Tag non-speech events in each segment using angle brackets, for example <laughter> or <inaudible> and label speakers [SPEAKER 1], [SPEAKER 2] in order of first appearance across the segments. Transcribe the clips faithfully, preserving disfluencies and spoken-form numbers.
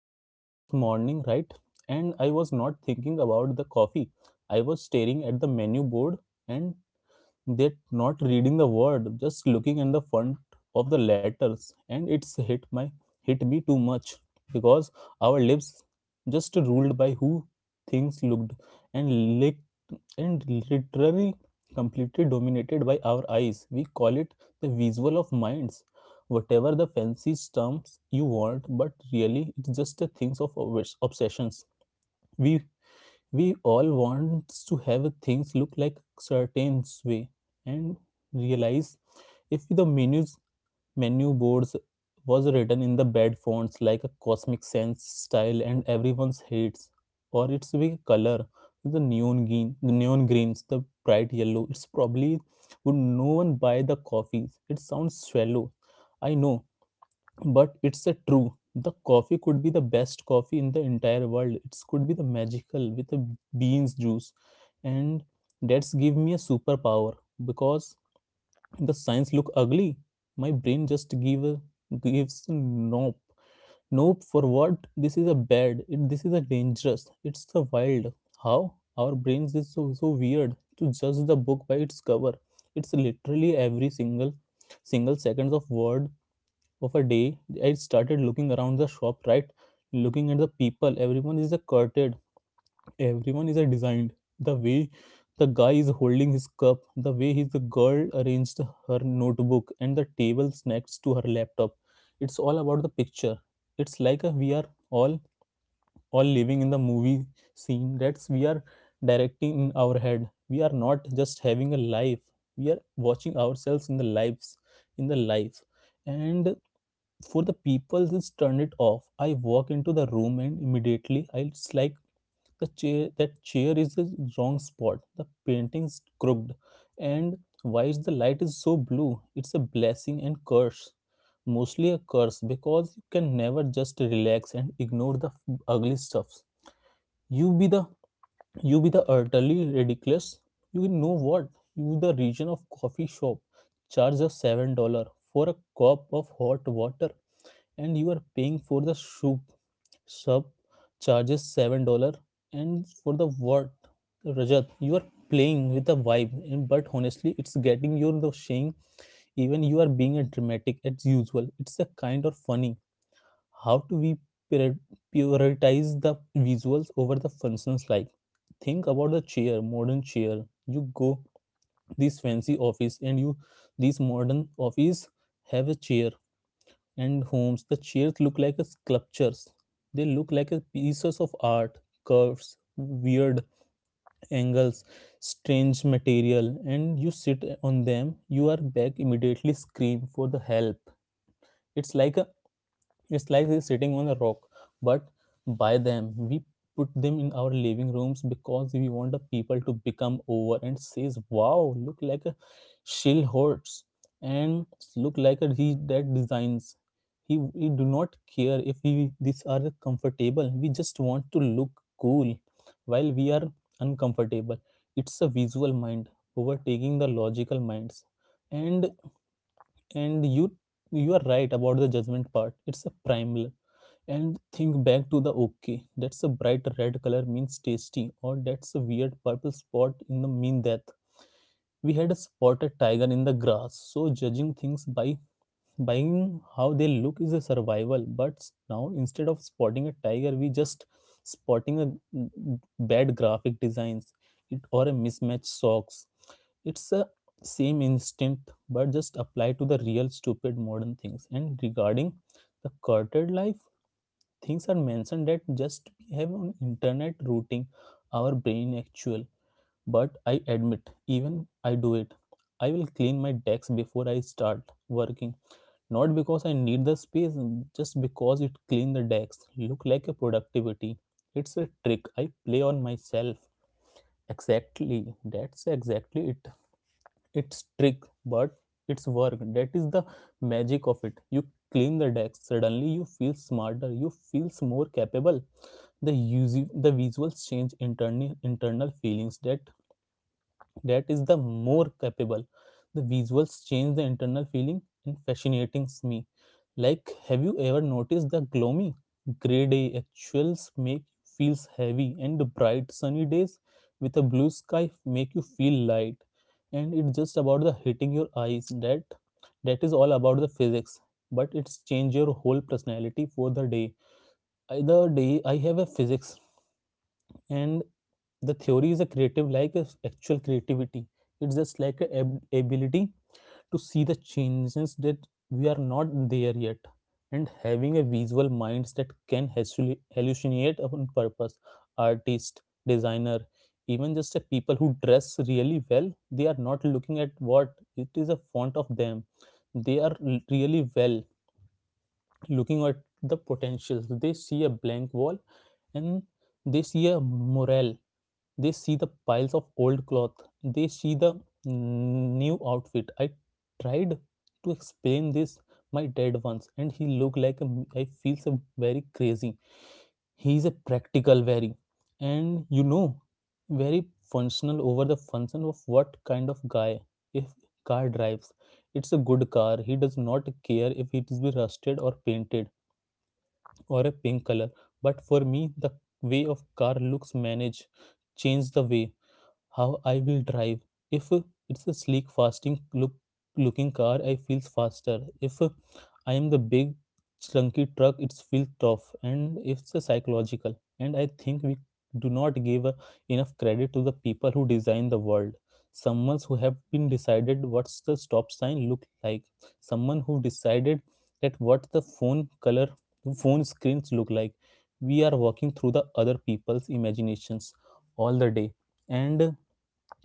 [SPEAKER 1] shop and this morning, right? And I was not thinking about the coffee. I was staring at the menu board and they're not reading the word, just looking at the font of the letters, and it's hit my hit me too much because our lives just ruled by who things looked and licked and literally completely dominated by our eyes. We call it the visual of minds. Whatever the fancy terms you want, but really it's just a things of obsessions. We we all want to have things look like certain way and realize if the menus menu boards was written in the bad fonts like a cosmic sense style and everyone's hates or its big color, the neon green, the neon greens, the bright yellow, it's probably would no one buy the coffees. It sounds shallow, I know, but it's a true. The coffee could be the best coffee in the entire world. It could be the magical with the beans juice, and that's give me a superpower because the science look ugly. My brain just give a, gives nope, nope, for what. This is a bad it, this is a dangerous, it's a wild how our brains is so, so weird to judge the book by its cover. It's literally every single single seconds of word of a day. I started looking around the shop, right, looking at the people. Everyone is a curted, everyone is a designed. The way the guy is holding his cup, the way his the girl arranged her notebook and the tables next to her laptop, it's all about the picture. It's like a, we are all or living in the movie scene that's we are directing in our head. We are not just having a life, we are watching ourselves in the lives, in the life. And for the people just turn it off, I walk into the room and immediately I it's like the chair, that chair is the wrong spot, the painting's crooked, and why is the light is so blue. It's a blessing and curse, mostly a curse, because you can never just relax and ignore the f- ugly stuffs. You be the you be the utterly ridiculous. You know what? You the region of coffee shop charge us seven dollar for a cup of hot water, and you are paying for the soup. Sub charges seven dollar, and for the what? Rajat, you are playing with the vibe, and but honestly, it's getting you the shame even you are being a dramatic as usual. It's a kind of funny how do we prior- prioritize the visuals over the functions. Like, think about the chair, modern chair. You go this fancy office and you this modern office have a chair, and homes the chairs look like a sculptures, they look like a pieces of art. Curves, weird angles, strange material, and you sit on them, you are back immediately scream for the help. It's like a, it's like he's sitting on a rock, but by them we put them in our living rooms because we want the people to become over and says, "Wow, look like a shill hurts," and look like a he that designs. He we do not care if we these are comfortable. We just want to look cool while we are uncomfortable. It's a visual mind overtaking the logical minds, and and you you are right about the judgment part. It's a primal, and think back to the, okay, that's a bright red color means tasty, or that's a weird purple spot in the mean death. We had a spotted tiger in the grass, so judging things by buying how they look is a survival. But now instead of spotting a tiger we just spotting a bad graphic designs, it, or a mismatched socks. It's a same instinct but just applied to the real stupid modern things. And regarding the curted life, things are mentioned that just we have on internet routing our brain actual. But I admit, even I do it. I will clean my desk before I start working, not because I need the space, just because it clean the desk look like a productivity. It's a trick I play on myself. Exactly, that's exactly it. It's trick but it's work. That is the magic of it. You clean the desk, suddenly you feel smarter, you feels more capable. The usi the visuals change internal internal feelings, that that is the more capable. The visuals change the internal feeling and fascinates me. Like, have you ever noticed the gloomy gray day actuals make you feels heavy, and the bright sunny days with a blue sky make you feel light. And it's just about the hitting your eyes. That that is all about the physics, but it's change your whole personality for the day. Either day I have a physics, and the theory is a creative, like a s- actual creativity. It's just like a ab- ability to see the changes that we are not there yet and having a visual minds that can hallu- hallucinate on purpose. Artist, designer, even just a people who dress really well, they are not looking at what it is a font of them. They are l- really well looking at the potentials. They see a blank wall and they see a morale. They see the piles of old cloth, they see the mm, new outfit. I tried to explain this my dad once and he looked like a, I feel so very crazy. He is a practical, very, and you know, very functional over the function of what kind of guy. If car drives, it's a good car. He does not care if it is be rusted or painted or a pink color. But for me, the way of car looks manage change the way how I will drive. If it's a sleek, fasting look looking car, I feels faster. If I am the big, chunky truck, it feels tough, and it's a psychological. And I think we do not give uh, enough credit to the people who design the world. Someone who have been decided what's the stop sign look like. Someone who decided that what the phone color, phone screens look like. We are walking through the other people's imaginations all the day, and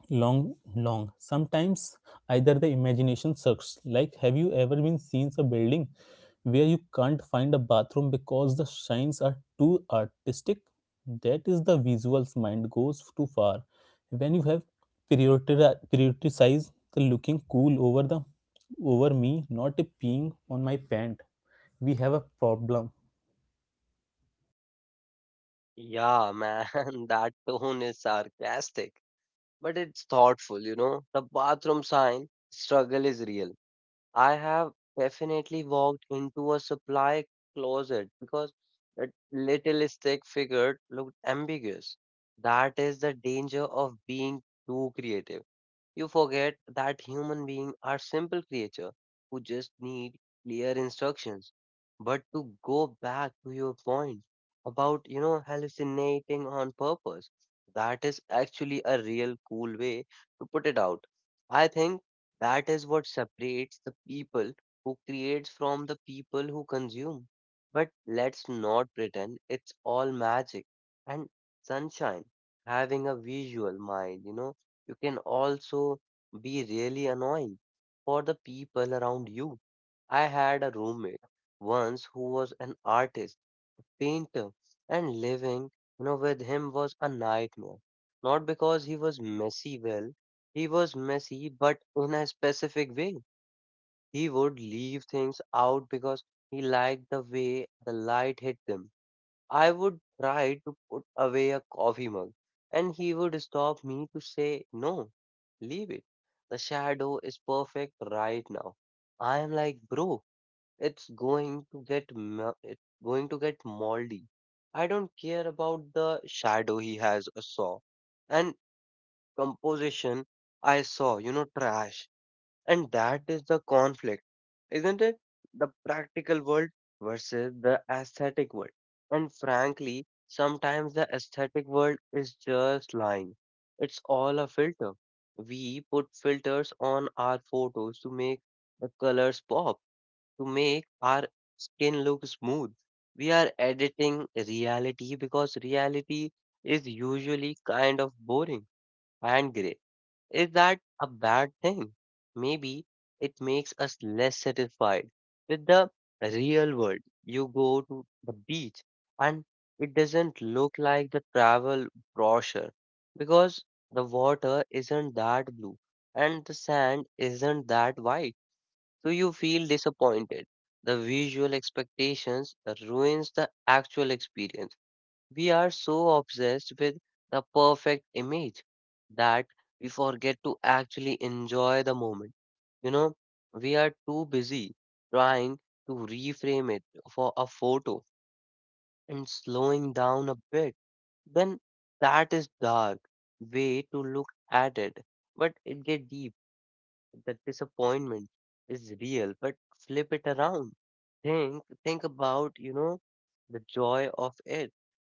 [SPEAKER 1] long long sometimes either the imagination sucks. Like, have you ever been seen a building where you can't find a bathroom because the signs are too artistic? That is the visuals mind goes too far. When you have prioritize prioritized the looking cool over the, over me not a peeing on my pant, we have a problem.
[SPEAKER 2] Yeah, man, <laughs> that tone is sarcastic, but it's thoughtful, you know. The bathroom sign struggle is real. I have definitely walked into a supply closet because that little stick figure looked ambiguous. That is the danger of being too creative. You forget that human beings are simple creatures who just need clear instructions. But to go back to your point about, you know, hallucinating on purpose, that is actually a real cool way to put it out. I think that is what separates the people who creates from the people who consume. But let's not pretend it's all magic and sunshine having a visual mind, you know, you can also be really annoying for the people around you. I had a roommate once who was an artist, painter, and living, you know, with him was a nightmare. Not because he was messy, well, he was messy, but in a specific way. He would leave things out because he liked the way the light hit them. I would try to put away a coffee mug, and he would stop me to say, "No, leave it. The shadow is perfect right now." I am like, "Bro, it's going to get mo- it's going to get moldy. I don't care about the shadow." He has a saw and composition. I saw, you know, trash. And that is the conflict, isn't it? The practical world versus the aesthetic world. And frankly, sometimes the aesthetic world is just lying. It's all a filter. We put filters on our photos to make the colors pop, to make our skin look smooth. We are editing reality because reality is usually kind of boring and gray. Is that a bad thing? Maybe it makes us less satisfied with the real world. You go to the beach and it doesn't look like the travel brochure because the water isn't that blue and the sand isn't that white. So you feel disappointed. The visual expectations ruins the actual experience. We are so obsessed with the perfect image that we forget to actually enjoy the moment. You know, we are too busy trying to reframe it for a photo and slowing down a bit. Then that is dark way to look at it, but it get deep. The disappointment is real, but flip it around. Think think about, you know, the joy of it.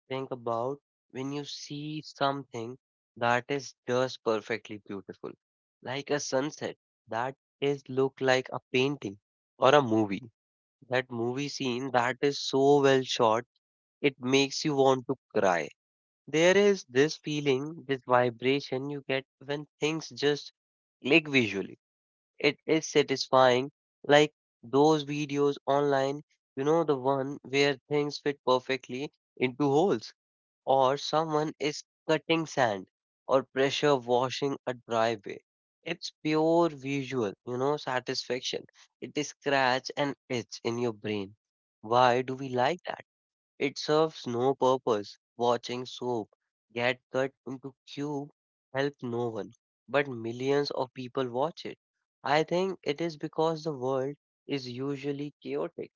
[SPEAKER 2] Think about when you see something that is just perfectly beautiful, like a sunset that is look like a painting or a movie. That movie scene that is so well shot, it makes you want to cry. There is this feeling, this vibration you get when things just click visually. It is satisfying, like those videos online, you know, the one where things fit perfectly into holes or someone is cutting sand or pressure washing a driveway. It's pure visual, you know, satisfaction. It is scratch and itch in your brain. Why do we like that? It serves no purpose. Watching soap get cut into cube help no one, but millions of people watch it. I think it is because the world is usually chaotic,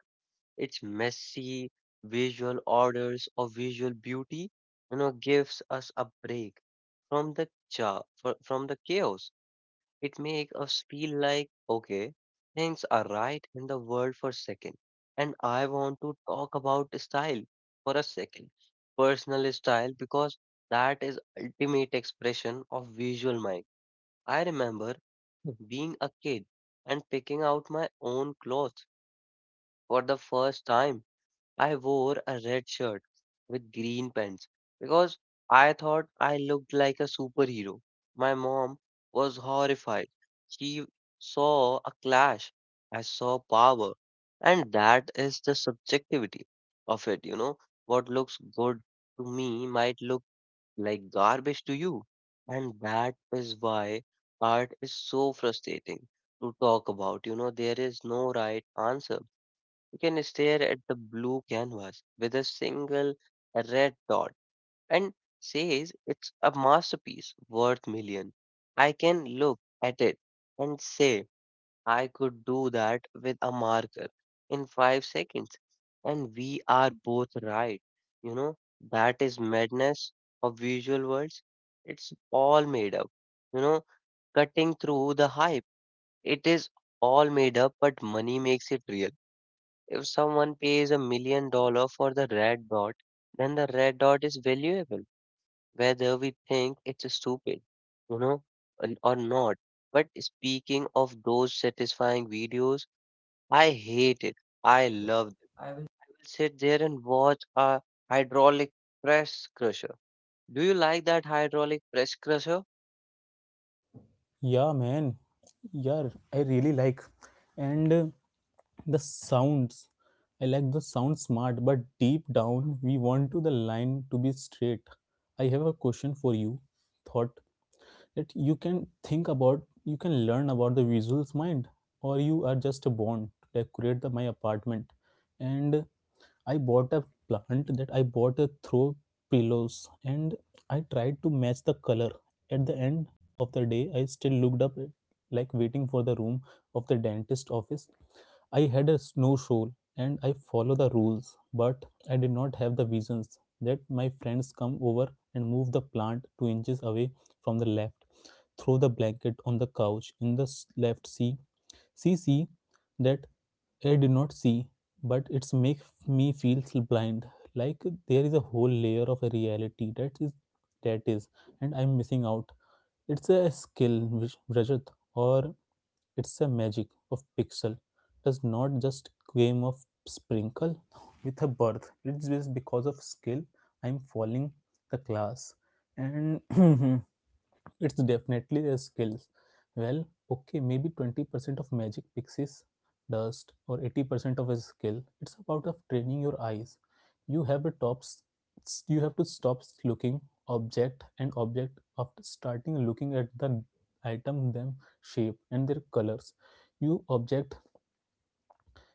[SPEAKER 2] its messy visual orders or visual beauty, you know, gives us a break from the cha fro- from the chaos. It makes us feel like, okay, things are right in the world for a second. And I want to talk about style for a second. Personal style, because that is ultimate expression of visual mind. I remember being a kid and picking out my own clothes for the first time. I wore a red shirt with green pants because I thought I looked like a superhero. My mom was horrified. She saw a clash. I saw power. And that is the subjectivity of it, you know. What looks good to me might look like garbage to you. And that is why art is so frustrating to talk about. You know, there is no right answer. You can stare at the blue canvas with a single red dot and says it's a masterpiece worth million. I can look at it and say I could do that with a marker in five seconds. And we are both right. You know, that is madness of visual worlds. It's all made up. You know, cutting through the hype. It is all made up, but money makes it real. If someone pays a million dollar for the red dot, then the red dot is valuable, whether we think it's stupid, you know, and- or not. But speaking of those satisfying videos, I hate it. I love it. I will sit there and watch a hydraulic press crusher. Do you like that hydraulic press crusher?
[SPEAKER 1] Yeah, man. Yeah, I really like. And uh, the sounds. I like the sound smart, but deep down, we want to the line to be straight. I have a question for you. Thought that you can think about you can learn about the visuals mind, or you are just born to decorate the my apartment. And I bought a plant, that I bought a throw pillows, and I tried to match the color. At the end of the day, I still looked up like waiting for the room of the dentist office. I had a snow shoal and I follow the rules, but I did not have the visions that my friends come over and move the plant two inches away from the left, throw the blanket on the couch in the s- left. See, see, see that I did not see, but it's make me feel blind, like there is a whole layer of a reality that is that is and I'm missing out. It's a skill, which, Rajat, or it's a magic of pixel? Does not just game of sprinkle with a birth, it's just because of skill. I'm falling the class. And <clears throat> it's definitely their skills. Well, okay, maybe twenty percent of magic pixies dust or eighty percent of a skill. It's about of training your eyes. You have a top s- s- you have to stop looking object and object after starting looking at the item them shape and their colors. You object,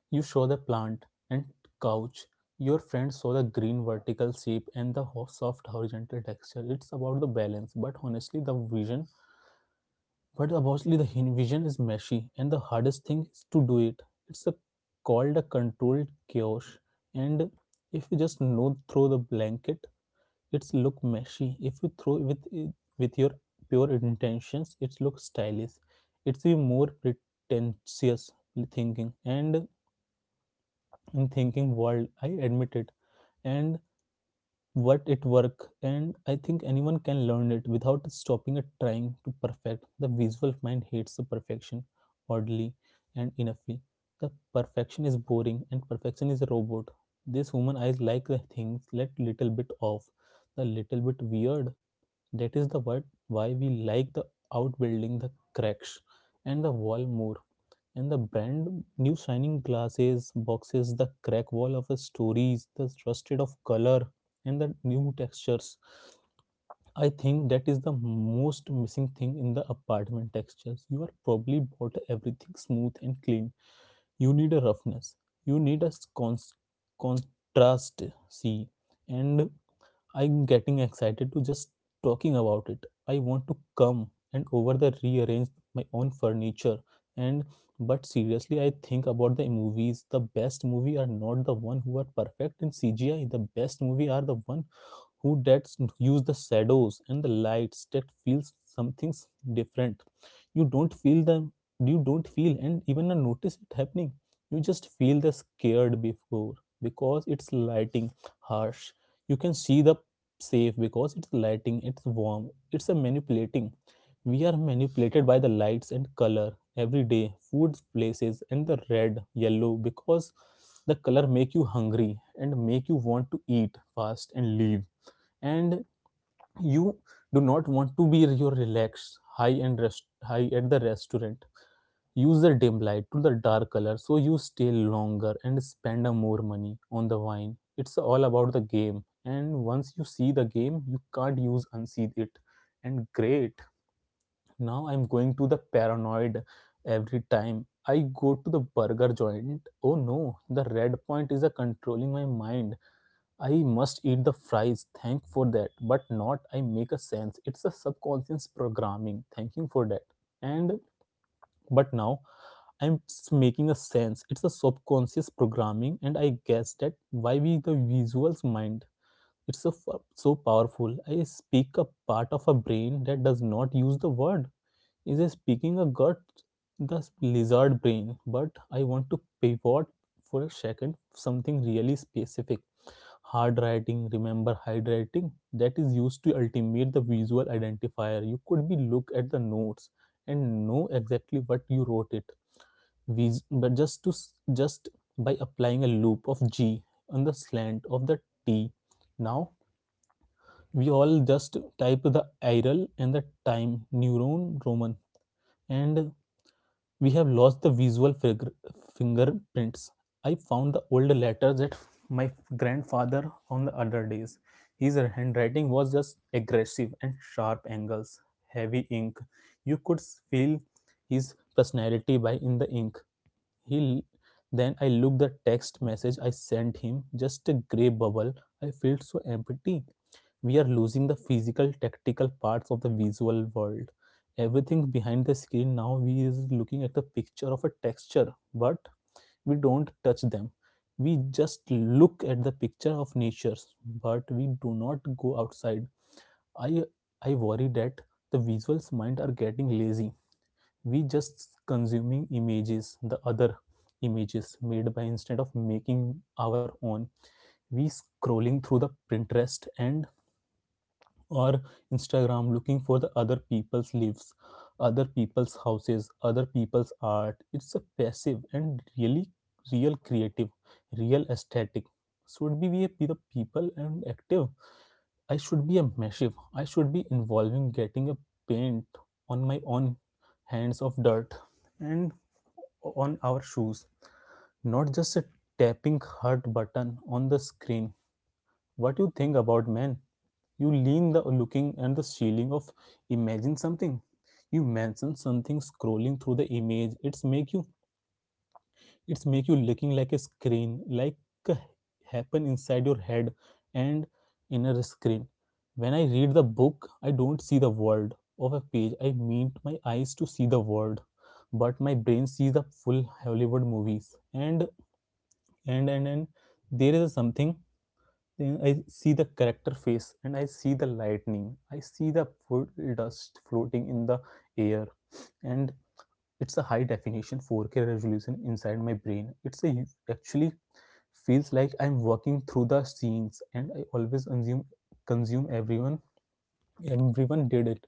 [SPEAKER 1] you show the plant and couch. Your friend saw the green vertical shape and the ho- soft horizontal texture. It's about the balance, but honestly, the vision, but obviously, the vision is messy, and the hardest thing is to do it. It's a, called a controlled chaos, and if you just no throw the blanket, it's look messy. If you throw with with your pure intentions, it looks stylish. It's a more pretentious thinking, and in thinking world, I admit it, and what it work and I think anyone can learn it without stopping at trying to perfect the visual mind hates the perfection oddly and enoughly the perfection is boring and perfection is a robot this human eyes like the things let little bit off the little bit weird that is the word why we like the outbuilding the cracks and the wall more and the brand new shining glasses, boxes, the crack wall of stories, the trusted of color, and the new textures. I think that is the most missing thing in the apartment textures. You are probably bought everything smooth and clean. You need a roughness. You need a cons- contrast. See, and I'm getting excited to just talking about it. I want to come and over there rearrange my own furniture. And but seriously, I think about the movies. The best movie are not the one who are perfect in C G I. The best movie are the one who that use the shadows and the lights that feels something's different. You don't feel them, you don't feel and even notice it happening, you just feel the scared before because it's lighting harsh. You can see the safe because it's lighting, it's warm, it's a manipulating. We are manipulated by the lights and color every day. Food places and the red yellow because the color make you hungry and make you want to eat fast and leave, and you do not want to be your relaxed high and rest high at the restaurant. Use the dim light to the dark color so you stay longer and spend a more money on the wine. It's all about the game, and once you see the game you can't use unsee it. And great, now I'm going to the paranoid. Every time I go to the burger joint, oh no, the red point is a controlling my mind. I must eat the fries, thank for that, but not I make a sense. It's a subconscious programming, thanking for that. And but now I'm s- making a sense. It's a subconscious programming, and I guess that why we the visuals mind. It's so f- so powerful. I speak a part of a brain that does not use the word. Is I speaking a gut, the s- lizard brain? But I want to pivot for a second something really specific. Hard writing, remember hard writing that is used to ultimate the visual identifier? You could be look at the notes and know exactly what you wrote it. Vis- but just to just by applying a loop of g on the slant of the t, now we all just type the iral and the time neuron roman, and we have lost the visual fingerprints. I found the old letters that my grandfather on the other days. His handwriting was just aggressive and sharp angles, heavy ink. You could feel his personality by in the ink. He then I looked the text message I sent him, just a grey bubble. I felt so empty. We are losing the physical, tactical parts of the visual world. Everything behind the screen now we is looking at the picture of a texture, but we don't touch them, we just look at the picture of natures, but we do not go outside. I i worry that the visuals mind are getting lazy. We just consuming images the other images made by instead of making our own. We scrolling through the Pinterest and or Instagram looking for the other people's lives, other people's houses, other people's art. It's a passive and really real creative, real aesthetic. Should be we be the people and active. I should be a massive. I should be involving getting a paint on my own hands of dirt and on our shoes, not just a tapping heart button on the screen. What do you think about men? You lean the looking and the ceiling of imagine something. You mention something scrolling through the image. It's make you it's make you looking like a screen, like a happen inside your head and inner screen. When I read the book, I don't see the world of a page. I mean my eyes to see the world, but my brain sees the full Hollywood movies. And and and and there is something, then I see the character face and I see the lightning. I see the full dust floating in the air, and it's a high definition four K resolution inside my brain. It's a actually feels like I'm walking through the scenes and I always consume consume everyone everyone did it.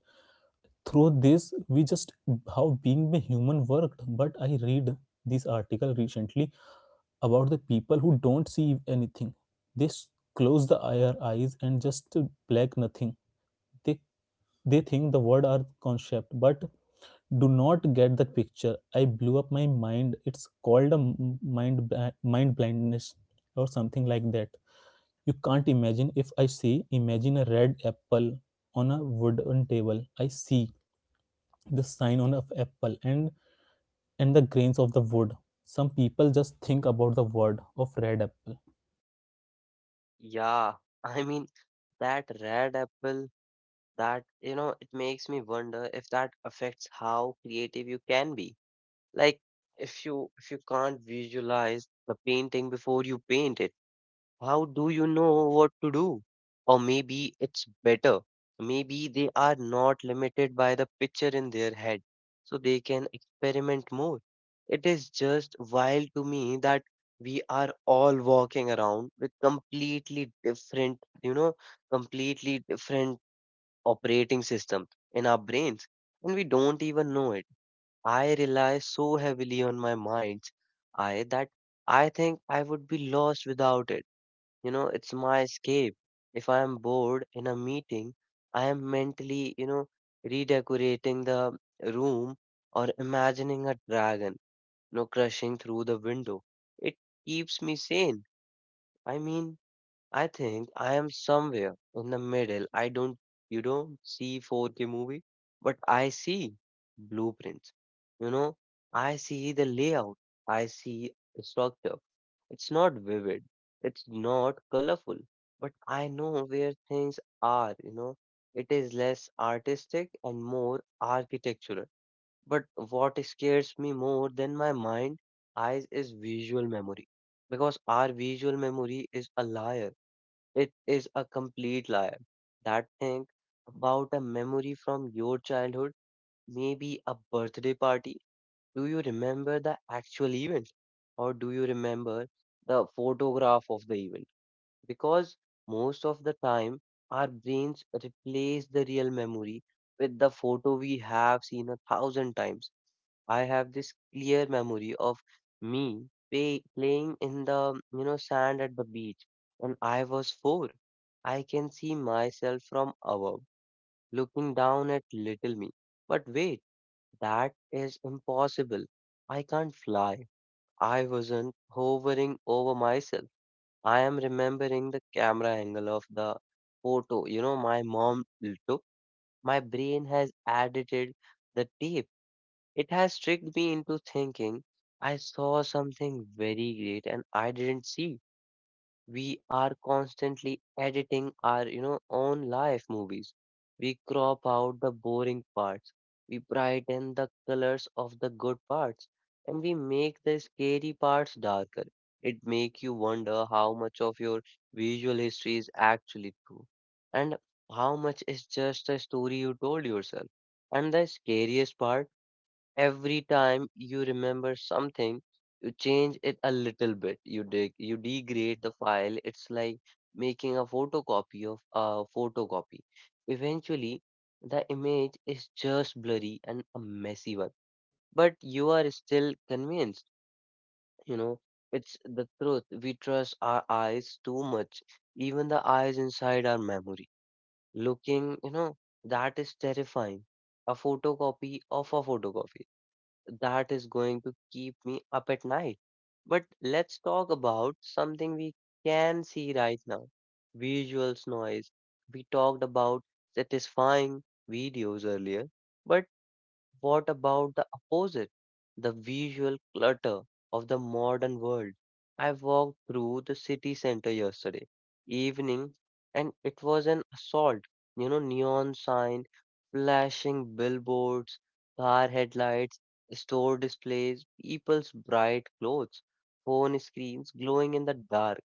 [SPEAKER 1] Through this we just how being a human worked, but I read this article recently about the people who don't see anything. They close the their eyes and just black nothing. They they think the word are concept, but do not get the picture. I blew up my mind. It's called a mind mind blindness or something like that. You can't imagine if I say imagine a red apple on a wooden table. I see the sign on of apple and and the grains of the wood. Some people just think about the word of red apple.
[SPEAKER 2] Yeah, <laughs> I mean that red apple, that, you know, it makes me wonder if that affects how creative you can be. Like if you, if you can't visualize the painting before you paint it, how do you know what to do? Or maybe it's better. Maybe they are not limited by the picture in their head, so they can experiment more. It is just wild to me that we are all walking around with completely different, you know, completely different operating systems in our brains, and we don't even know it. I rely so heavily on my mind's eye that I think I would be lost without it. You know, it's my escape. If I am bored in a meeting, I am mentally, you know, redecorating the room or imagining a dragon, you know, crushing through the window. It keeps me sane. I mean, I think I am somewhere in the middle. I don't, You don't see four K movie, but I see blueprints. You know, I see the layout. I see the structure. It's not vivid. It's not colorful, but I know where things are. You know, it is less artistic and more architectural. But what scares me more than my mind, eyes, is visual memory, because our visual memory is a liar, it is a complete lie. That thing about a memory from your childhood, maybe a birthday party. Do you remember the actual event? Or do you remember the photograph of the event? Because most of the time, our brains replace the real memory with the photo we have seen a thousand times. I have this clear memory of me pay, playing in the, you know, sand at the beach when I was four. I can see myself from above, looking down at little me. But wait, that is impossible. I can't fly. I wasn't hovering over myself. I am remembering the camera angle of the photo, you know, my mom took. My brain has edited the tape. It has tricked me into thinking I saw something very great and I didn't see. We are constantly editing our, you know, own life movies. We crop out the boring parts. We brighten the colors of the good parts and we make the scary parts darker. It make you wonder how much of your visual history is actually true and how much is just a story you told yourself. And the scariest part: every time you remember something, you change it a little bit. You dig, you degrade the file. It's like making a photocopy of a photocopy. Eventually, the image is just blurry and a messy one. But you are still convinced, you know, it's the truth. We trust our eyes too much, even the eyes inside our memory. Looking, you know, that is terrifying. A photocopy of a photocopy, that is going to keep me up at night. But let's talk about something we can see right now: visuals noise. We talked about satisfying videos earlier, but what about the opposite? The visual clutter of the modern world. I walked through the city center yesterday evening and it was an assault. You know, neon sign, flashing billboards, car headlights, store displays, people's bright clothes, phone screens glowing in the dark.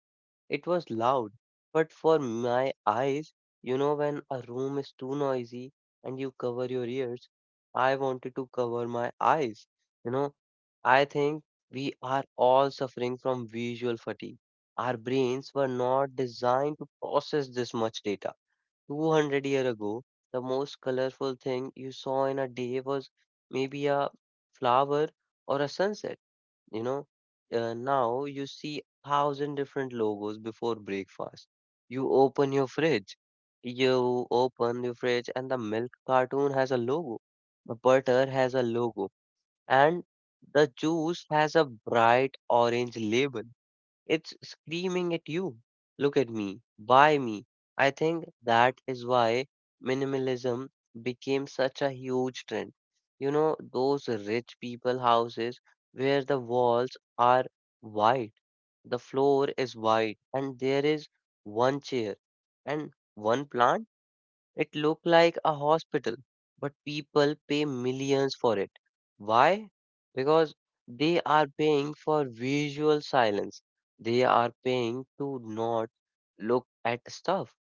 [SPEAKER 2] It was loud, but for my eyes, you know, when a room is too noisy and you cover your ears, I wanted to cover my eyes. You know, I think we are all suffering from visual fatigue. Our brains were not designed to process this much data. two hundred years ago, the most colorful thing you saw in a day was maybe a flower or a sunset. You know, uh, now you see a thousand different logos before breakfast. You open your fridge, you open your fridge, and the milk cartoon has a logo, the butter has a logo, and the juice has a bright orange label. It's screaming at you. Look at me, buy me. I think that is why minimalism became such a huge trend. You know, those rich people houses where the walls are white, the floor is white, and there is one chair and one plant. It looked like a hospital, but people pay millions for it. Why? Because they are paying for visual silence. They are paying to not look at stuff.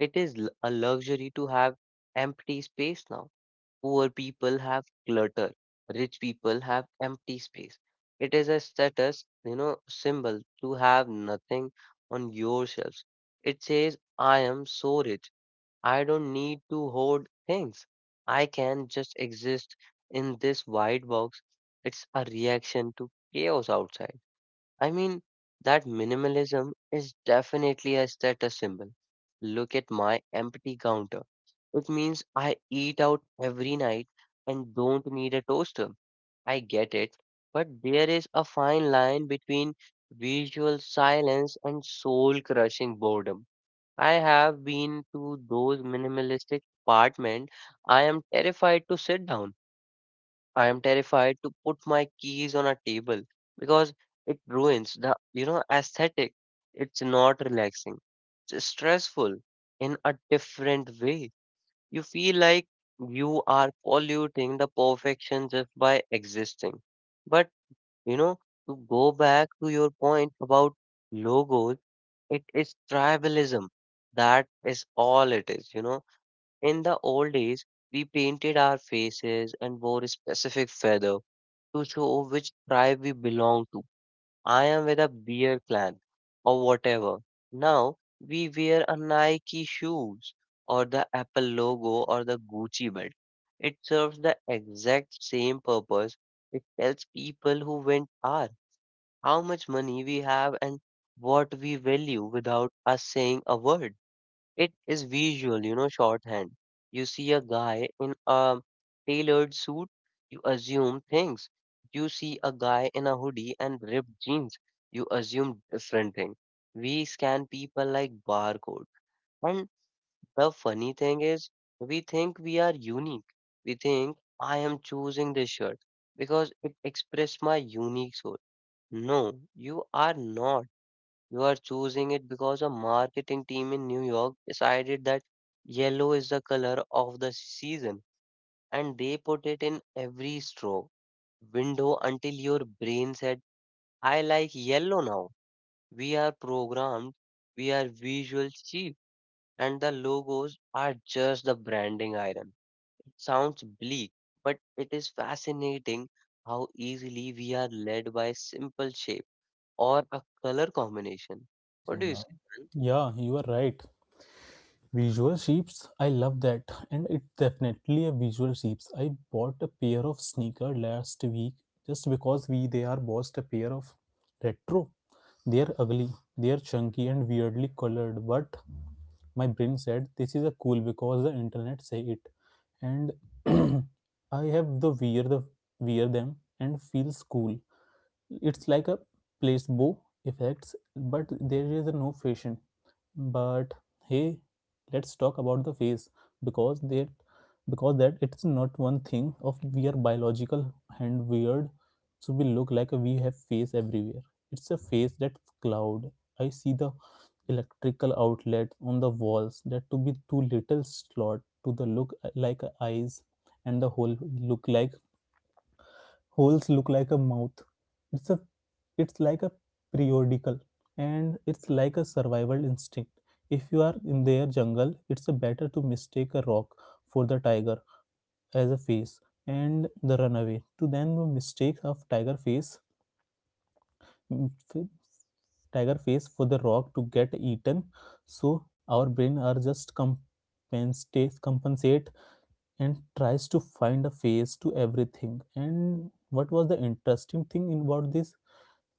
[SPEAKER 2] It is l- a luxury to have empty space now. Poor people have clutter. Rich people have empty space. It is a status, you know, symbol to have nothing on your shelves. It says, I am so rich. I don't need to hoard things. I can just exist in this white box. It's a reaction to chaos outside. I mean, that minimalism is definitely a status symbol. Look at my empty counter. It means I eat out every night and don't need a toaster. I get it, but there is a fine line between visual silence and soul crushing boredom. I have been to those minimalistic apartment. I am terrified to sit down. I am terrified to put my keys on a table because it ruins the, you know, aesthetic. It's not relaxing. It's stressful in a different way. You feel like you are polluting the perfection just by existing. But, you know, to go back to your point about logos, it is tribalism. That is all it is, you know. In the old days, we painted our faces and wore a specific feather to show which tribe we belong to. I am with a bear clan or whatever. Now we wear a Nike shoes or the Apple logo or the Gucci belt. It serves the exact same purpose. It tells people who went are, how much money we have and what we value without us saying a word. It is visual, you know, shorthand. You see a guy in a tailored suit, you assume things. You see a guy in a hoodie and ripped jeans, you assume different thing. We scan people like barcode. And the funny thing is, we think we are unique. We think I am choosing this shirt because it expresses my unique soul. No, you are not. You are choosing it because a marketing team in New York decided that yellow is the color of the season and they put it in every straw window until your brain said, I like yellow now. We are programmed, we are visual sheep, and the logos are just the branding iron. It sounds bleak, but it is fascinating how easily we are led by simple shapes or a color combination.
[SPEAKER 1] You
[SPEAKER 2] What
[SPEAKER 1] say,
[SPEAKER 2] do you
[SPEAKER 1] man?
[SPEAKER 2] say, man?
[SPEAKER 1] Yeah, you are right. Visual sheeps, I love that. And it's definitely a visual sheeps. I bought a pair of sneaker last week just because we they are bossed a pair of retro. They are ugly, they are chunky and weirdly colored, but my brain said this is a cool because the internet say it. And <clears throat> I have the wear the wear them and feels cool. It's like a placebo effects, but there is no fashion. But hey, let's talk about the face because that because that it's not one thing of we are biological and weird, so we look like we have face everywhere. It's a face that's cloud. I see the electrical outlet on the walls that to be too little slot to the look like eyes, and the whole look like holes look like a mouth. It's a it's like a periodical, and it's like a survival instinct. If you are in their jungle it's better to mistake a rock for the tiger as a face and the runaway to then mistake of tiger face, mm, tiger face for the rock to get eaten. So our brain are just compensate compensate and tries to find a face to everything. And what was the interesting thing about this,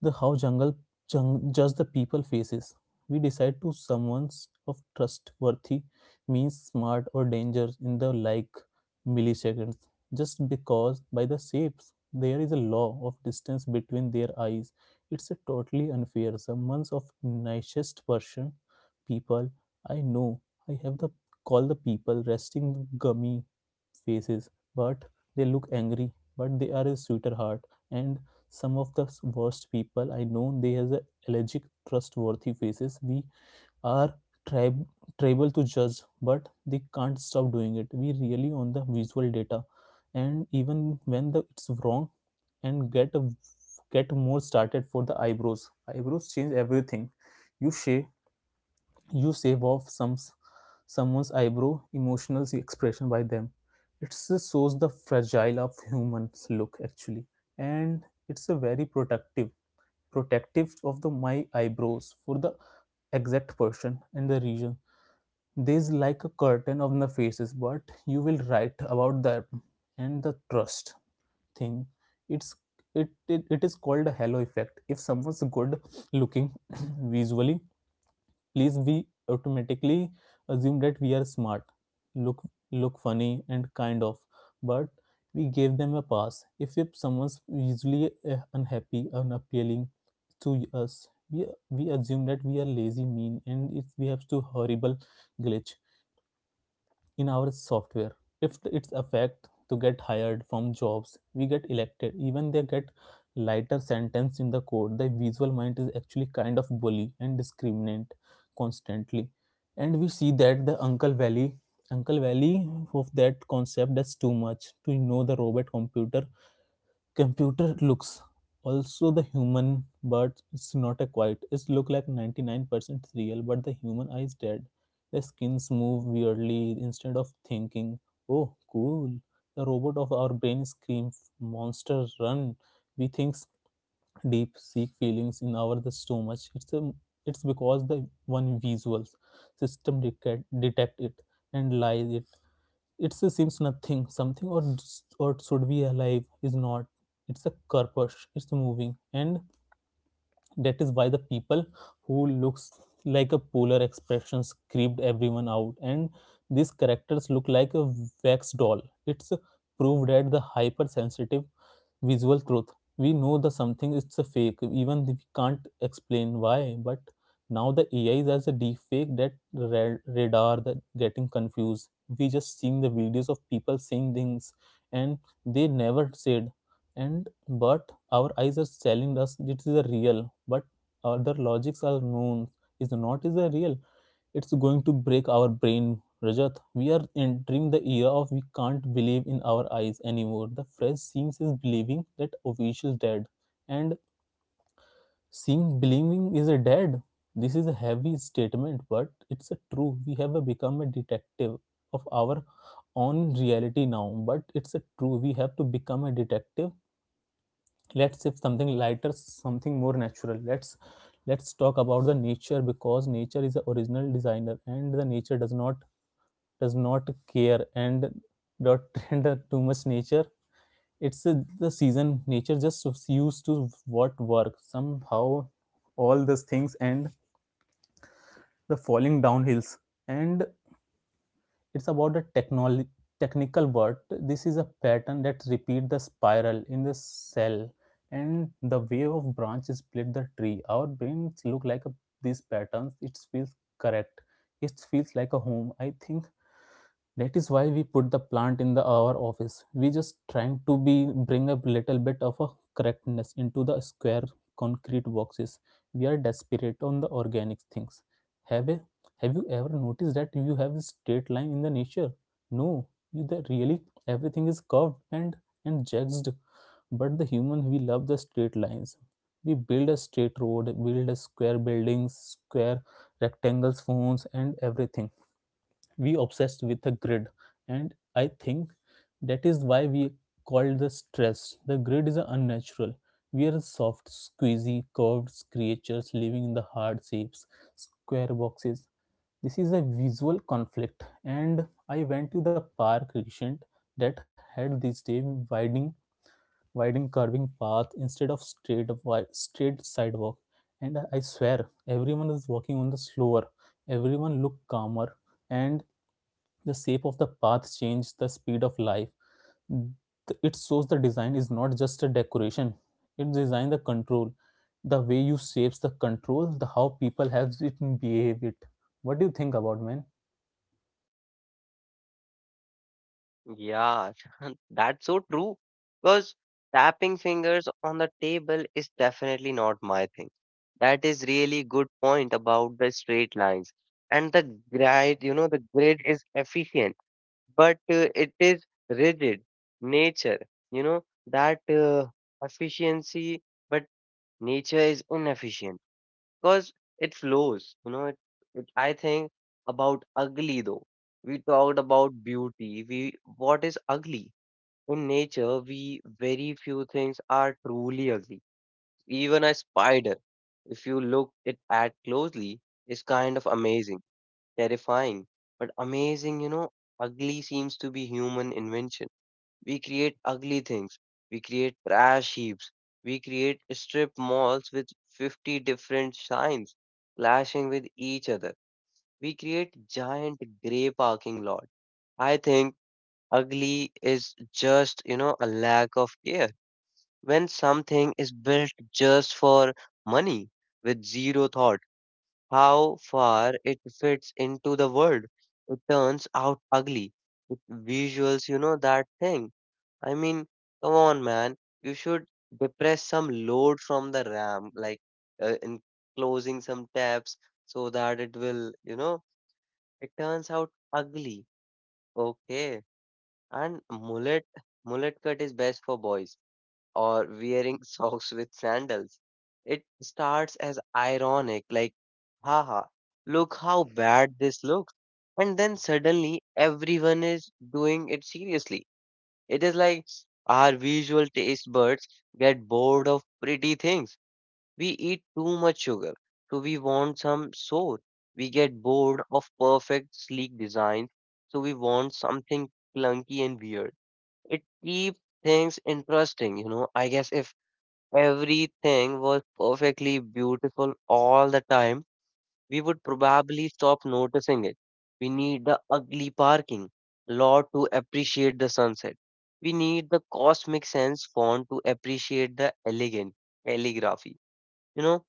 [SPEAKER 1] the how jungle jung, judge the people faces. We decide to someone's of trustworthy, means smart or danger in the like milliseconds, just because by the shapes there is a law of distance between their eyes. It's a totally unfair, someone's of nicest person people I know. I have the call the people resting gummy faces, but they look angry but they are a sweeter heart. And some of the worst people I know, they has a allergic trustworthy faces. We are trib- tribal to judge, but they can't stop doing it. We really on the visual data, and even when the it's wrong, and get a, get more started for the eyebrows. Eyebrows change everything. You shave you shave off some someone's eyebrow emotional expression by them, it shows the fragile of humans look actually. And it's a very protective protective of the my eyebrows for the exact person and the region. There's like a curtain on the faces, but you will write about that. And the trust thing, it's it, it, it is called a halo effect. If someone's good looking <clears throat> visually please, we automatically assume that we are smart, look look funny and kind of, but we gave them a pass. If, if someone's usually unhappy unappealing to us, we, we assume that we are lazy mean, and if we have to horrible glitch in our software, if it's a fact to get hired from jobs, we get elected, even they get lighter sentence in the code. The visual mind is actually kind of bully and discriminant constantly. And we see that the uncle valley uncle valley of that concept that's too much to know the robot computer. Computer looks also the human, but it's not a quite. It look like ninety-nine percent real, but the human eye is dead. The skins move weirdly instead of thinking, oh, cool. The robot of our brain screams, monster run. We thinks deep, seek feelings in our the stomach. It's a it's because the one visuals system detect, detect it and lies it, it seems nothing, something or or should be alive is not. It's a corpus. It's moving, and that is why the people who looks like a polar expressions creeped everyone out. And these characters look like a wax doll. It's proved that the hypersensitive visual truth. We know the something it's a fake, even we can't explain why. But now the A I is as a deep fake that ra- radar that getting confused. We just seeing the videos of people saying things and they never said. And but our eyes are telling us it is a real, but other logics are known is not is a real. It's going to break our brain, Rajat. We are entering the era of we can't believe in our eyes anymore. The phrase seems is believing that official dead. And seeing believing is a dead. This is a heavy statement, but it's a true. We have a become a detective of our own reality now, but it's a true. We have to become a detective. Let's shift something lighter, something more natural. Let's let's talk about the nature because nature is the original designer and the nature does not does not care and not <laughs> tender too much nature. It's a, the season. Nature just used to what work. Somehow, all these things and the falling down hills. And it's about the technology technical word, this is a pattern that repeat the spiral in the cell and the way of branches split the tree, our brains look like a, these patterns it feels correct, it feels like a home, I think. That is why we put the plant in the our office. We just trying to be bring a little bit of a correctness into the square concrete boxes. We are desperate on the organic things. Have a, have you ever noticed that you have a straight line in the nature? No, you the really everything is curved and and jagged. But the human we love the straight lines. We build a straight road, build a square buildings, square rectangles, phones, and everything we obsessed with the grid, and I think that is why we called the stress the grid is unnatural. We are soft squeezy curved creatures living in the hard shapes, square boxes. This is a visual conflict, and I went to the park recent that had this day widening widening curving path instead of straight straight sidewalk, and I swear everyone is walking on the slower, everyone looked calmer, and the shape of the path changes the speed of life. It shows the design is not just a decoration, it design the control, the way you shapes the control the how people have it and behave it. What do you think about, man?
[SPEAKER 2] Yeah, <laughs> that's so true. Because tapping fingers on the table is definitely not my thing. That is really good point about the straight lines. And the grid, you know, the grid is efficient, but uh, it is rigid. Nature, you know, that uh, efficiency, but nature is inefficient because it flows, you know it, it I think about ugly though. We talked about beauty. We what is ugly in nature? We very few things are truly ugly. Even a spider, if you look it at closely, is kind of amazing. Terrifying, but amazing, you know. Ugly seems to be human invention. We create ugly things. We create trash heaps. We create strip malls with fifty different signs clashing with each other. We create giant gray parking lot. I think ugly is just, you know, a lack of care. When something is built just for money with zero thought, how far it fits into the world, it turns out ugly. It visuals, you know, that thing. I mean, Come on, man. You should depress some load from the RAM, like uh, in closing some tabs so that it will, you know, it turns out ugly. Okay. And mullet, mullet cut is best for boys or wearing <laughs> socks with sandals. It starts as ironic, like, haha, look how bad this looks. And then suddenly everyone is doing it seriously. It is like our visual taste buds get bored of pretty things. We eat too much sugar, so we want some sour. We get bored of perfect, sleek designs, so we want something clunky and weird. It keeps things interesting, you know. I guess if everything was perfectly beautiful all the time, we would probably stop noticing it. We need the ugly parking lot to appreciate the sunset. We need the cosmic sense font to appreciate the elegant calligraphy. You know,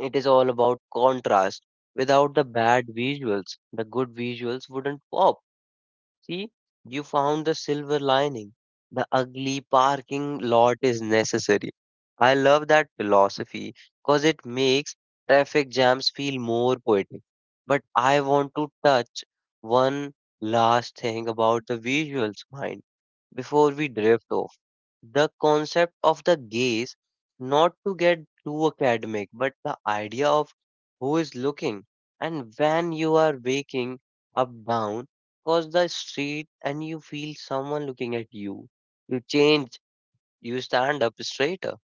[SPEAKER 2] it is all about contrast. Without the bad visuals, the good visuals wouldn't pop. See, you found the silver lining. The ugly parking lot is necessary. I love that philosophy because it makes traffic jams feel more poetic. But I want to touch one last thing about the visuals mind before we drift off, the concept of the gaze, not to get too academic, but the idea of who is looking. And when you are waking up down across the street and you feel someone looking at you, you change, you stand up straighter.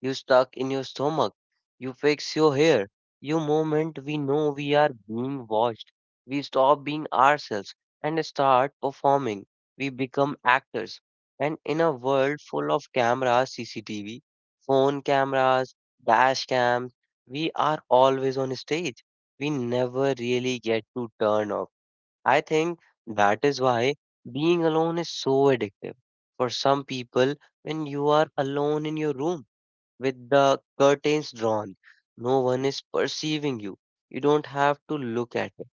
[SPEAKER 2] You stuck in your stomach. You fix your hair. You moment we know we are being watched. We stop being ourselves and start performing. We become actors. And in a world full of cameras, C C T V, phone cameras, dash cams, we are always on stage. We never really get to turn off. I think that is why being alone is so addictive. For some people, when you are alone in your room, with the curtains drawn. No one is perceiving you. You don't have to look at it.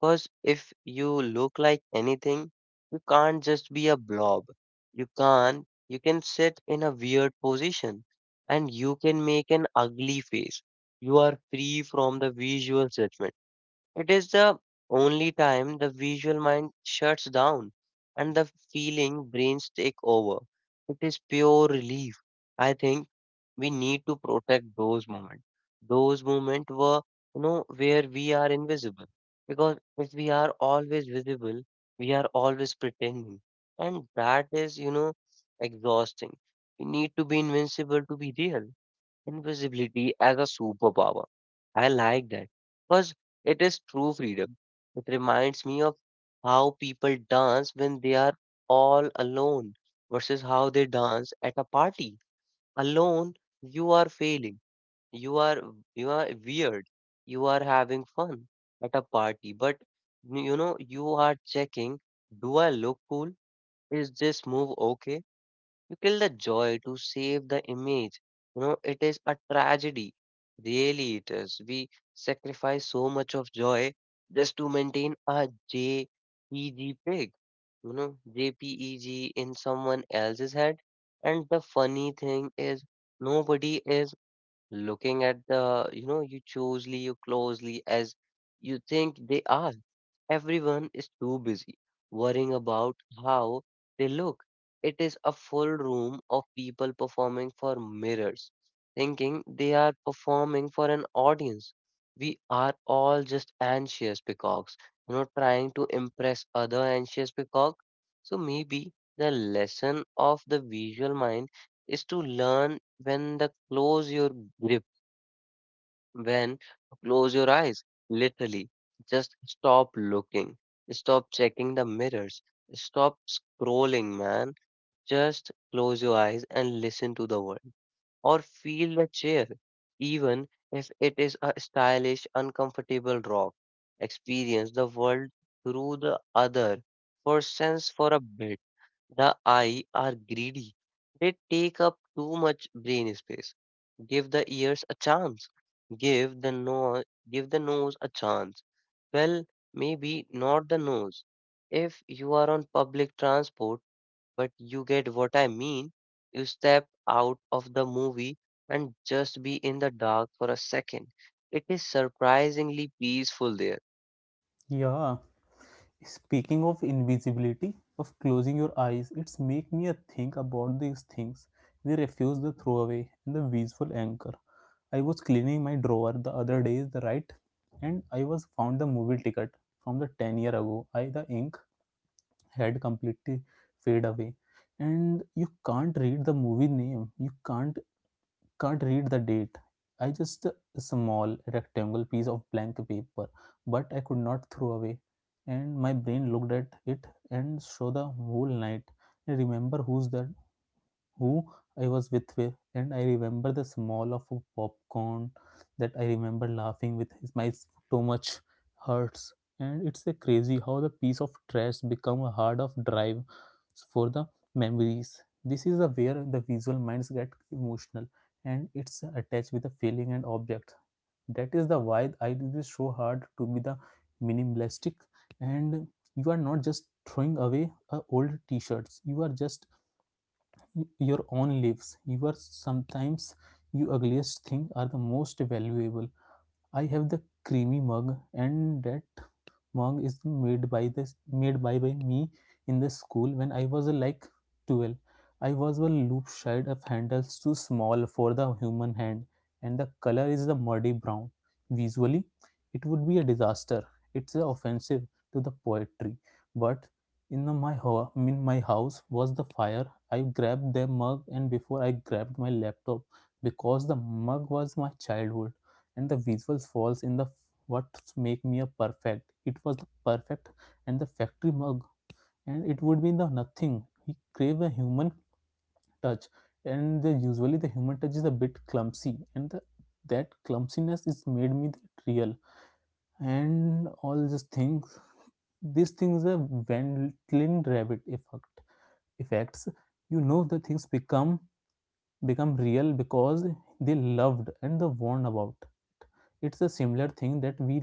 [SPEAKER 2] Because if you look like anything, you can't just be a blob. You can't, you can sit in a weird position and you can make an ugly face. You are free from the visual judgment. It is the only time the visual mind shuts down and the feeling brains take over. It is pure relief. I think we need to protect those moments. Those moments were, you know, where we are invisible. Because if we are always visible, we are always pretending. And that is, you know, exhausting. We need to be invincible to be real. Invisibility as a superpower. I like that. Because it is true freedom. It reminds me of how people dance when they are all alone versus how they dance at a party. Alone, you are failing, you are you are weird, you are having fun. At a party, but you know you are checking, do I look cool? Is this move okay? You kill the joy to save the image. You know, it is a tragedy. Really, it is. We sacrifice so much of joy just to maintain a J P G pig, you know, JPEG in someone else's head. And the funny thing is, nobody is looking at the you know you closely you closely as you think they are. Everyone is too busy worrying about how they look. It is a full room of people performing for mirrors, thinking they are performing for an audience. We are all just anxious peacocks, you know, trying to impress other anxious peacock. So maybe the lesson of the visual mind is to learn when the close your grip, when close your eyes, literally just stop looking, stop checking the mirrors, stop scrolling, man. Just close your eyes and listen to the world or feel the chair, even if it is a stylish, uncomfortable rock. Experience the world through the other for sense for a bit. The eye are greedy. They take up too much brain space. Give the ears a chance. Give the no Give the nose a chance. Well, maybe not the nose. If you are on public transport, but you get what I mean, you step out of the movie and just be in the dark for a second. It is surprisingly peaceful there.
[SPEAKER 1] Yeah, speaking of invisibility of closing your eyes, it's make me a think about these things. We refuse the throwaway and the visual anchor. I was cleaning my drawer the other day, the right, and I was found the movie ticket from the ten year ago. I the ink had completely fade away, and you can't read the movie name. You can't can't read the date. I just a small rectangle piece of blank paper, but I could not throw away. And my brain looked at it and saw the whole night. I remember who's that who I was with, wi- and I remember the smell of a popcorn, that I remember laughing with his my much hurts. And it's a crazy how the piece of trash become a hard of drive for the memories. This is the where the visual minds get emotional, and it's attached with a feeling and object. That is the why I did this so hard to be the minimalistic, and you are not just throwing away uh, old t-shirts, you are just your own lives. You are sometimes you ugliest thing are the most valuable. I have the creamy mug, and that mug is made by this made by, by me in the school when I was uh, like twelve. I was a loop shade of handles too small for the human hand, and the color is the muddy brown. Visually, it would be a disaster. It's uh, offensive to the poetry, but in the, my ho- in my house was the fire. I grabbed the mug, and before I grabbed my laptop, because the mug was my childhood, and the visuals falls in the what make me a perfect, it was the perfect and the factory mug and it would be the nothing, he crave a human touch. And the, usually the human touch is a bit clumsy, and the, that clumsiness is made me that real. And all these things, these things are Wendlin rabbit effect effects, you know the things become become real because they loved and they warned about. It's a similar thing that we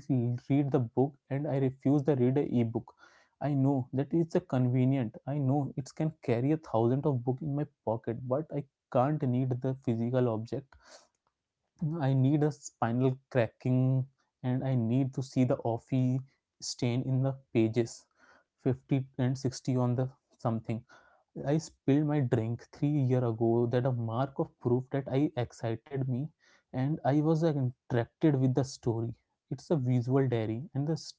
[SPEAKER 1] read the book, and I refuse to read a ebook. I know that it's a convenient, I know it can carry a thousand of book in my pocket, but I can't need the physical object, I need a spinal cracking, and I need to see the offie stain in the pages fifty and sixty on the something. I spilled my drink three year ago, that a mark of proof that I excited me, and I was like, interacted with the story. It's a visual diary, and this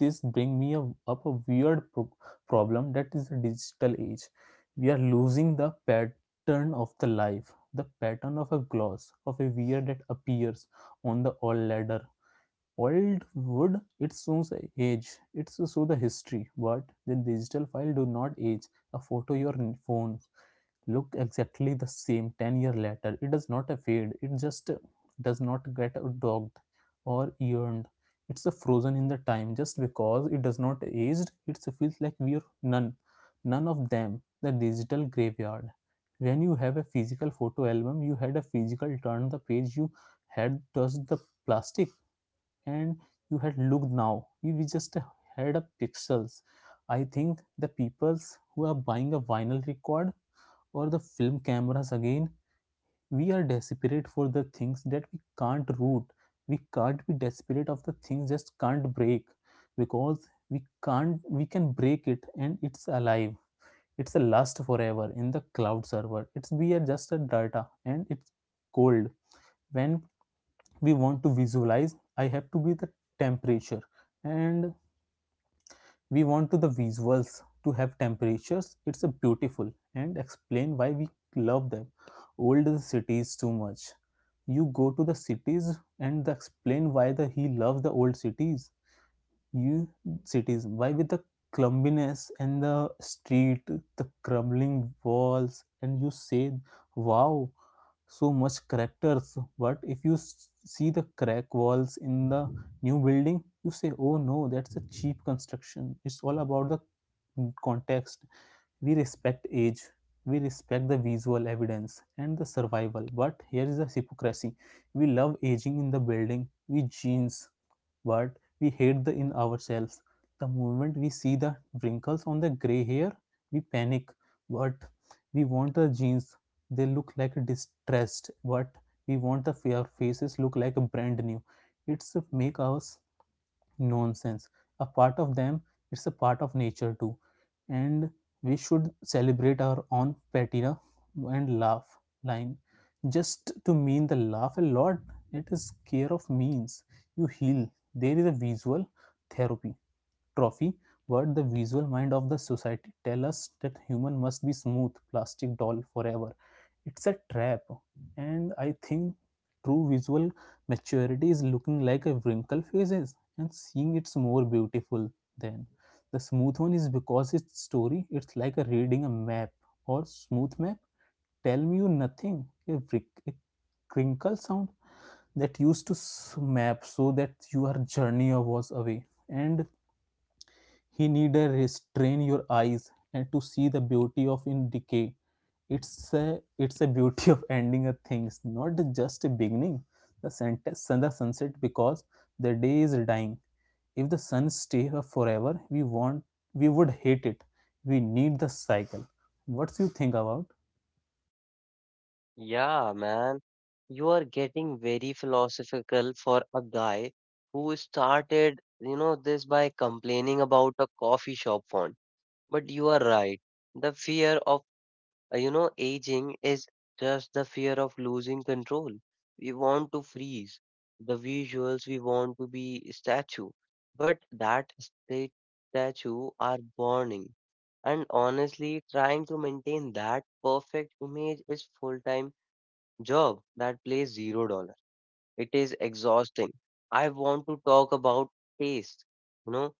[SPEAKER 1] this bring me a, up a weird pro- problem that is the digital age. We are losing the pattern of the life, the pattern of a gloss, of a weird that appears on the old ladder. Old wood, it shows age, it shows the history, but the digital file do not age. A photo your phone look exactly the same ten year later. It does not fade, it just does not get dogged or yearned. It's a frozen in the time, just because it does not aged, it feels like we are none, none of them. The digital graveyard. When you have a physical photo album, you had a physical turn the page, you had touched the plastic, and you had looked. Now you we just had a pixels. I think the peoples who are buying a vinyl record or the film cameras again, we are desperate for the things that we can't root. We can't be desperate of the things just can't break, because we can't we can break it and it's alive. It's a lust forever in the cloud server, it's we are just a data, and it's cold. When we want to visualize, I have to be the temperature, and we want to the visuals to have temperatures. It's a beautiful and explain why we love them. Old the cities too much. You go to the cities, and explain why the he loves the old cities. You cities why with the clumsiness and the street, the crumbling walls, and you say wow, so much characters. But if you see the crack walls in the new building you say, oh no, that's a cheap construction. It's all about the context. We respect age, we respect the visual evidence and the survival. But here is the hypocrisy, we love aging in the building, we jeans, but we hate the in ourselves. The moment we see the wrinkles on the gray hair, we panic, but we want the jeans. They look like distressed, but we want the fair faces look like brand new. It's make us nonsense, a part of them, it's a part of nature too, and we should celebrate our own patina and laugh line, just to mean the laugh a lot. It is care of means you heal. There is a visual therapy, trophy. What the visual mind of the society tell us that human must be smooth plastic doll forever. It's a trap, and I think true visual maturity is looking like a wrinkle faces, and seeing it's more beautiful than the smooth one is because its story. It's like a reading a map, or smooth map tell me you nothing. A, wrick- a crinkle sound that used to s- map, so that your journey was away. And he need a restrain your eyes and to see the beauty of in decay. It's a it's a beauty <laughs> of ending a things, not just a beginning. The sentence sun the sunset, because the day is dying. If the sun stays up forever, we want we would hate it. We need the cycle. What do you think about?
[SPEAKER 2] Yeah, man. You are getting very philosophical for a guy who started, you know, this by complaining about a coffee shop font. But you are right. The fear of, uh, you know, aging is just the fear of losing control. We want to freeze the visuals, we want to be statue, but that state statue are burning. And honestly, trying to maintain that perfect image is full-time job that pays zero dollar. It is exhausting. I want to talk about taste, you know,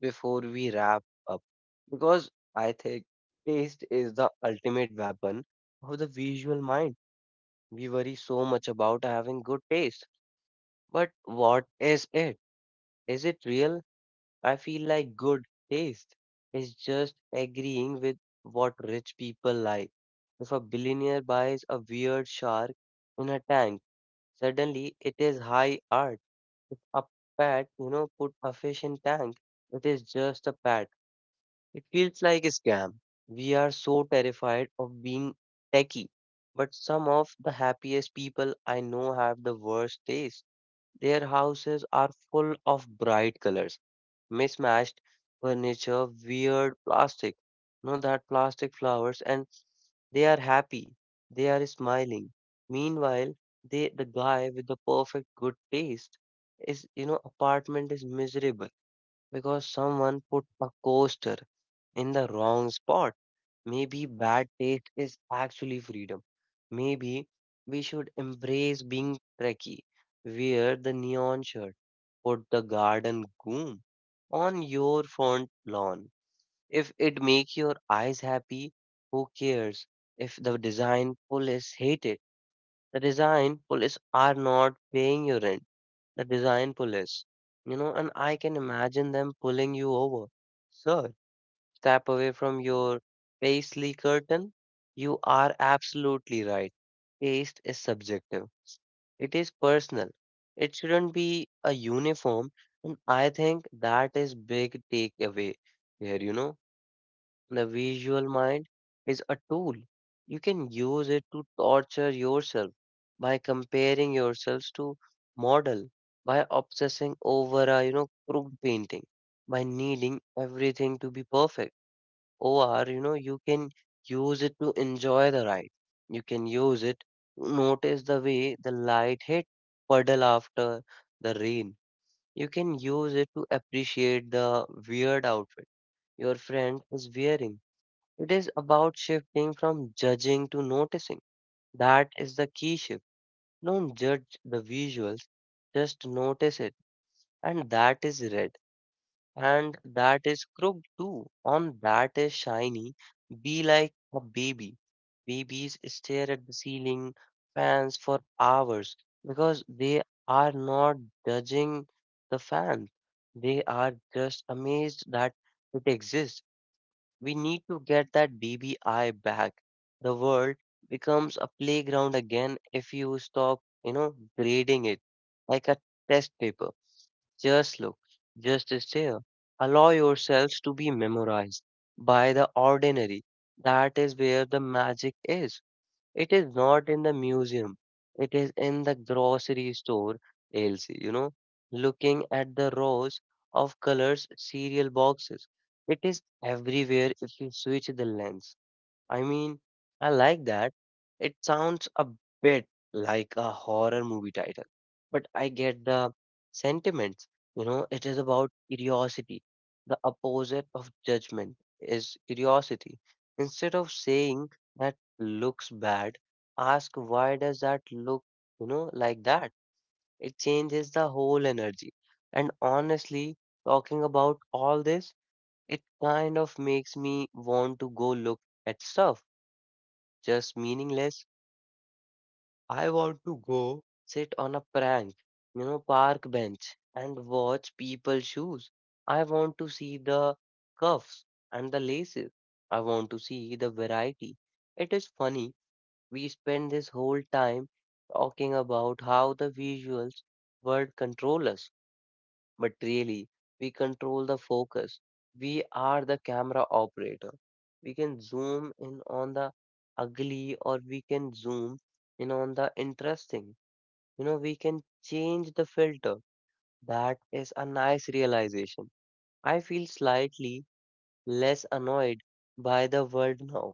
[SPEAKER 2] before we wrap up because I think taste is the ultimate weapon of the visual mind. We worry so much about having good taste. But what is it? Is it real? I feel like good taste is just agreeing with what rich people like. If a billionaire buys a weird shark in a tank, suddenly it is high art. If a pet, you know, put a fish in tank, it is just a pet. It feels like a scam. We are so terrified of being techie, but some of the happiest people I know have the worst taste. Their houses are full of bright colors, mismatched furniture, weird plastic, no that plastic flowers, and they are happy. They are smiling. Meanwhile, they, the guy with the perfect good taste is, you know, apartment is miserable because someone put a coaster in the wrong spot. Maybe bad taste is actually freedom. Maybe we should embrace being Trekkie, wear the neon shirt, put the garden gloom on your front lawn. If it makes your eyes happy, who cares? If the design police hate it, the design police are not paying your rent the design police, you know, and I can imagine them pulling you over. Sir, step away from your paisley curtain. You are absolutely right. Taste is subjective. It is personal. It shouldn't be a uniform, and I think that is big takeaway here, you know. The visual mind is a tool. You can use it to torture yourself by comparing yourselves to model, by obsessing over a you know crooked painting, by needing everything to be perfect. Or you know you can use it to enjoy the ride. You can use it to notice the way the light hit puddle after the rain. You can use it to appreciate the weird outfit your friend is wearing it is about shifting from judging to noticing. That is the key shift. Don't judge the visuals, just notice it. And that is red, and that is crooked too, on that is shiny. Be like a baby. Babies stare at the ceiling fans for hours because they are not judging the fan. They are just amazed that it exists. We need to get that B B I back. The world becomes a playground again if you stop, you know, grading it like a test paper. Just look, just stare. Allow yourselves to be memorized by the ordinary. That is where the magic is. It is not in the museum. It is in the grocery store, Elsie, you know, looking at the rows of colors cereal boxes. It is everywhere if you switch the lens. I mean, I like that. It sounds a bit like a horror movie title, but I get the sentiments. You know, it is about curiosity. The opposite of judgment is curiosity. Instead of saying that looks bad, ask why does that look, you know, like that? It changes the whole energy. And honestly, talking about all this, it kind of makes me want to go look at stuff just meaningless. I want to go sit on a prank, you know, park bench and watch people shoes. I want to see the cuffs and the laces. I want to see the variety. It is funny, we spend this whole time talking about how the visuals world control us, but really we control the focus. We are the camera operator. We can zoom in on the ugly or we can zoom in on the interesting. You know, we can change the filter. That is a nice realization. I feel slightly less annoyed by the world now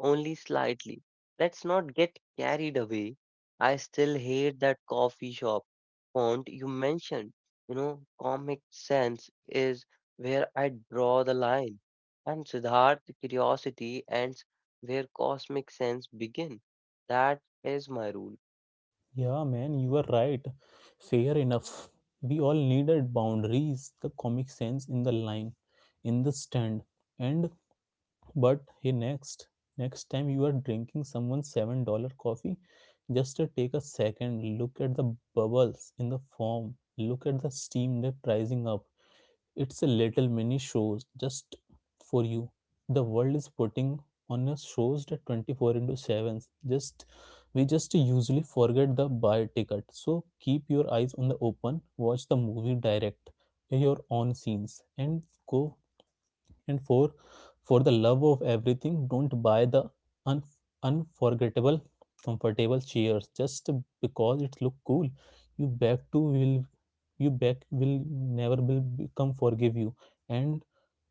[SPEAKER 2] only slightly. Let's not get carried away. I still hate that coffee shop font you mentioned. You know, comic sense is where I draw the line. And Siddharth, curiosity ends where cosmic sense begin. That is my rule.
[SPEAKER 1] Yeah, man, you are right. Fair enough. We all needed boundaries, the comic sense in the line, in the stand, and but hey, next next time you are drinking someone's seven dollar coffee, just uh, take a second, look at the bubbles in the foam, look at the steam that rising up. It's a little mini shows just for you. The world is putting on a shows that twenty-four into seven, just we just usually forget the buy ticket, so keep your eyes on the open, watch the movie, direct your own scenes, and go, and four, for the love of everything, don't buy the un- unforgettable, comfortable chairs just because it look cool. You back to will you back will never will become forgive you, and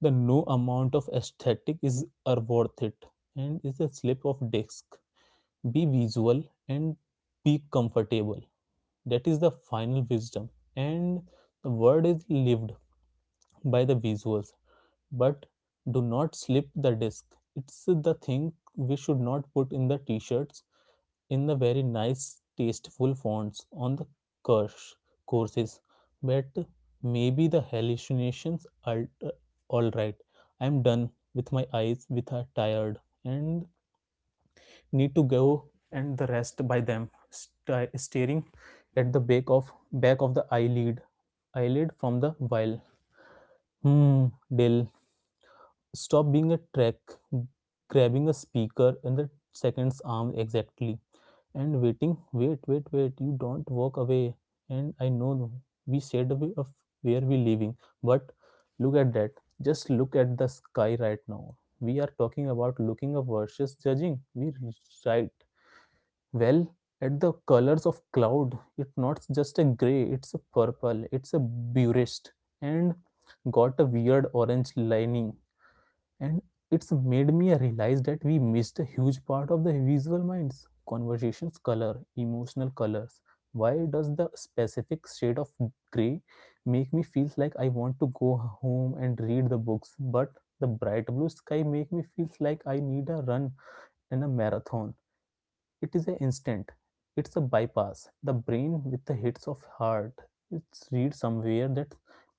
[SPEAKER 1] the no amount of aesthetic is are worth it. And it's a slip of disc. Be visual and be comfortable. That is the final wisdom. And the word is lived by the visuals, but do not slip the disk. It's the thing we should not put in the t-shirts in the very nice tasteful fonts on the course courses, but maybe the hallucinations are uh, all right. I'm done with my eyes with are tired, and need to go and the rest by them sti- staring at the back of back of the eyelid eyelid from the while. Hmm. Dill. Stop being a track, grabbing a speaker in the second's arm exactly, and waiting. Wait, wait, wait. You don't walk away. And I know we said away of where we living, but look at that. Just look at the sky right now. We are talking about looking up versus judging. We right, well, at the colors of cloud. It's not just a gray. It's a purple. It's a burist, and got a weird orange lining, and it's made me realize that we missed a huge part of the visual minds conversations, color, emotional colors. Why does the specific shade of gray make me feel like I want to go home and read the books, but the bright blue sky make me feel like I need a run and a marathon? It is an instant. It's a bypass the brain with the hits of heart. It's read somewhere that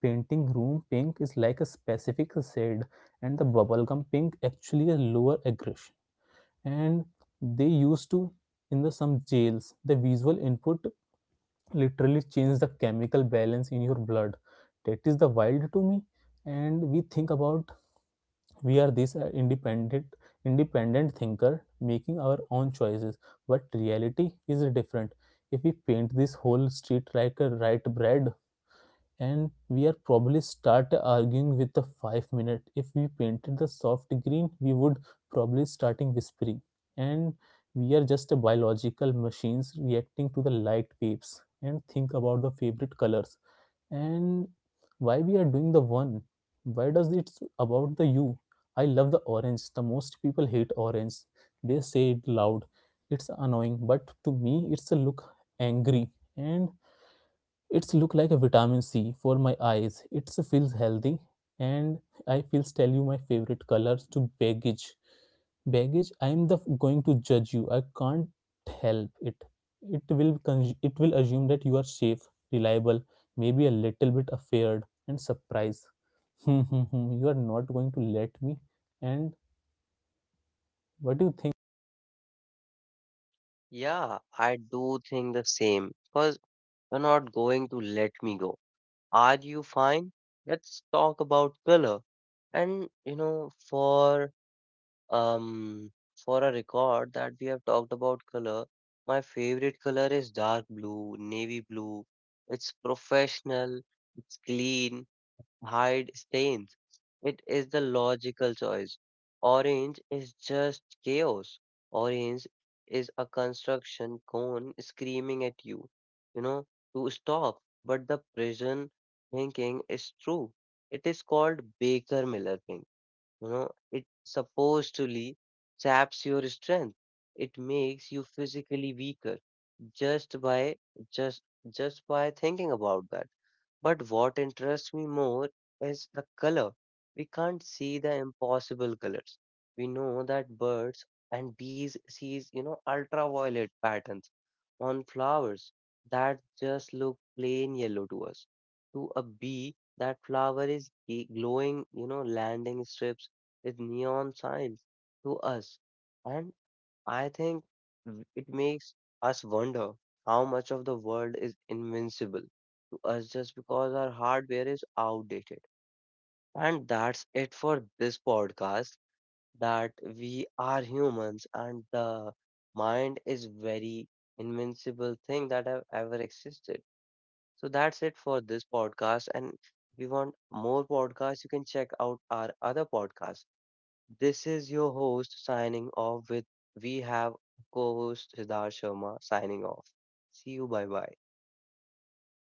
[SPEAKER 1] painting room pink is like a specific shade, and the bubblegum pink actually a lower aggression, and they used to in the some jails. The visual input literally change the chemical balance in your blood. That is the wild to me. And we think about, we are this uh, independent independent thinker making our own choices, but reality is different. If we paint this whole street like a right bread, and we are probably start arguing with the five minute. If we painted the soft green, we would probably starting whispering. And we are just a biological machines reacting to the light waves, and think about the favorite colors, and why we are doing the one, why does it's about the you. I love the orange, the most people hate orange. They say it loud, it's annoying, but to me it's a look angry, and it's look like a vitamin c for my eyes. It feels healthy, and I feels tell you my favorite colors to baggage baggage. I am the going to judge you, I can't help it. It will con- it will assume that you are safe, reliable, maybe a little bit afraid, and surprised. <laughs> You are not going to let me, and what do you think?
[SPEAKER 2] Yeah, I do think the same. Because you're not going to let me go. Are you fine? Let's talk about color. And you know, for Um, for a record that we have talked about color, my favorite color is dark blue, navy blue. It's professional, it's clean, hide stains. It is the logical choice. Orange is just chaos. Orange is a construction cone screaming at you, you know, to stop. But the prison thinking is true. It is called Baker Miller thinking. You know, it supposedly saps your strength. It makes you physically weaker just by just just by thinking about that. But what interests me more is the color. We can't see the impossible colors. We know that birds and bees sees, you know, ultraviolet patterns on flowers that just look plain yellow to us. To a bee, that flower is g- glowing, you know, landing strips is neon signs to us. And I think w- it makes us wonder how much of the world is invincible to us just because our hardware is outdated. And that's it for this podcast that we are humans and the mind is very invincible thing that have ever existed. So that's it for this podcast and if you want more podcasts, you can check out our other podcasts. This is your host signing off with we have co-host Siddharth Sharma signing off. See you, bye bye.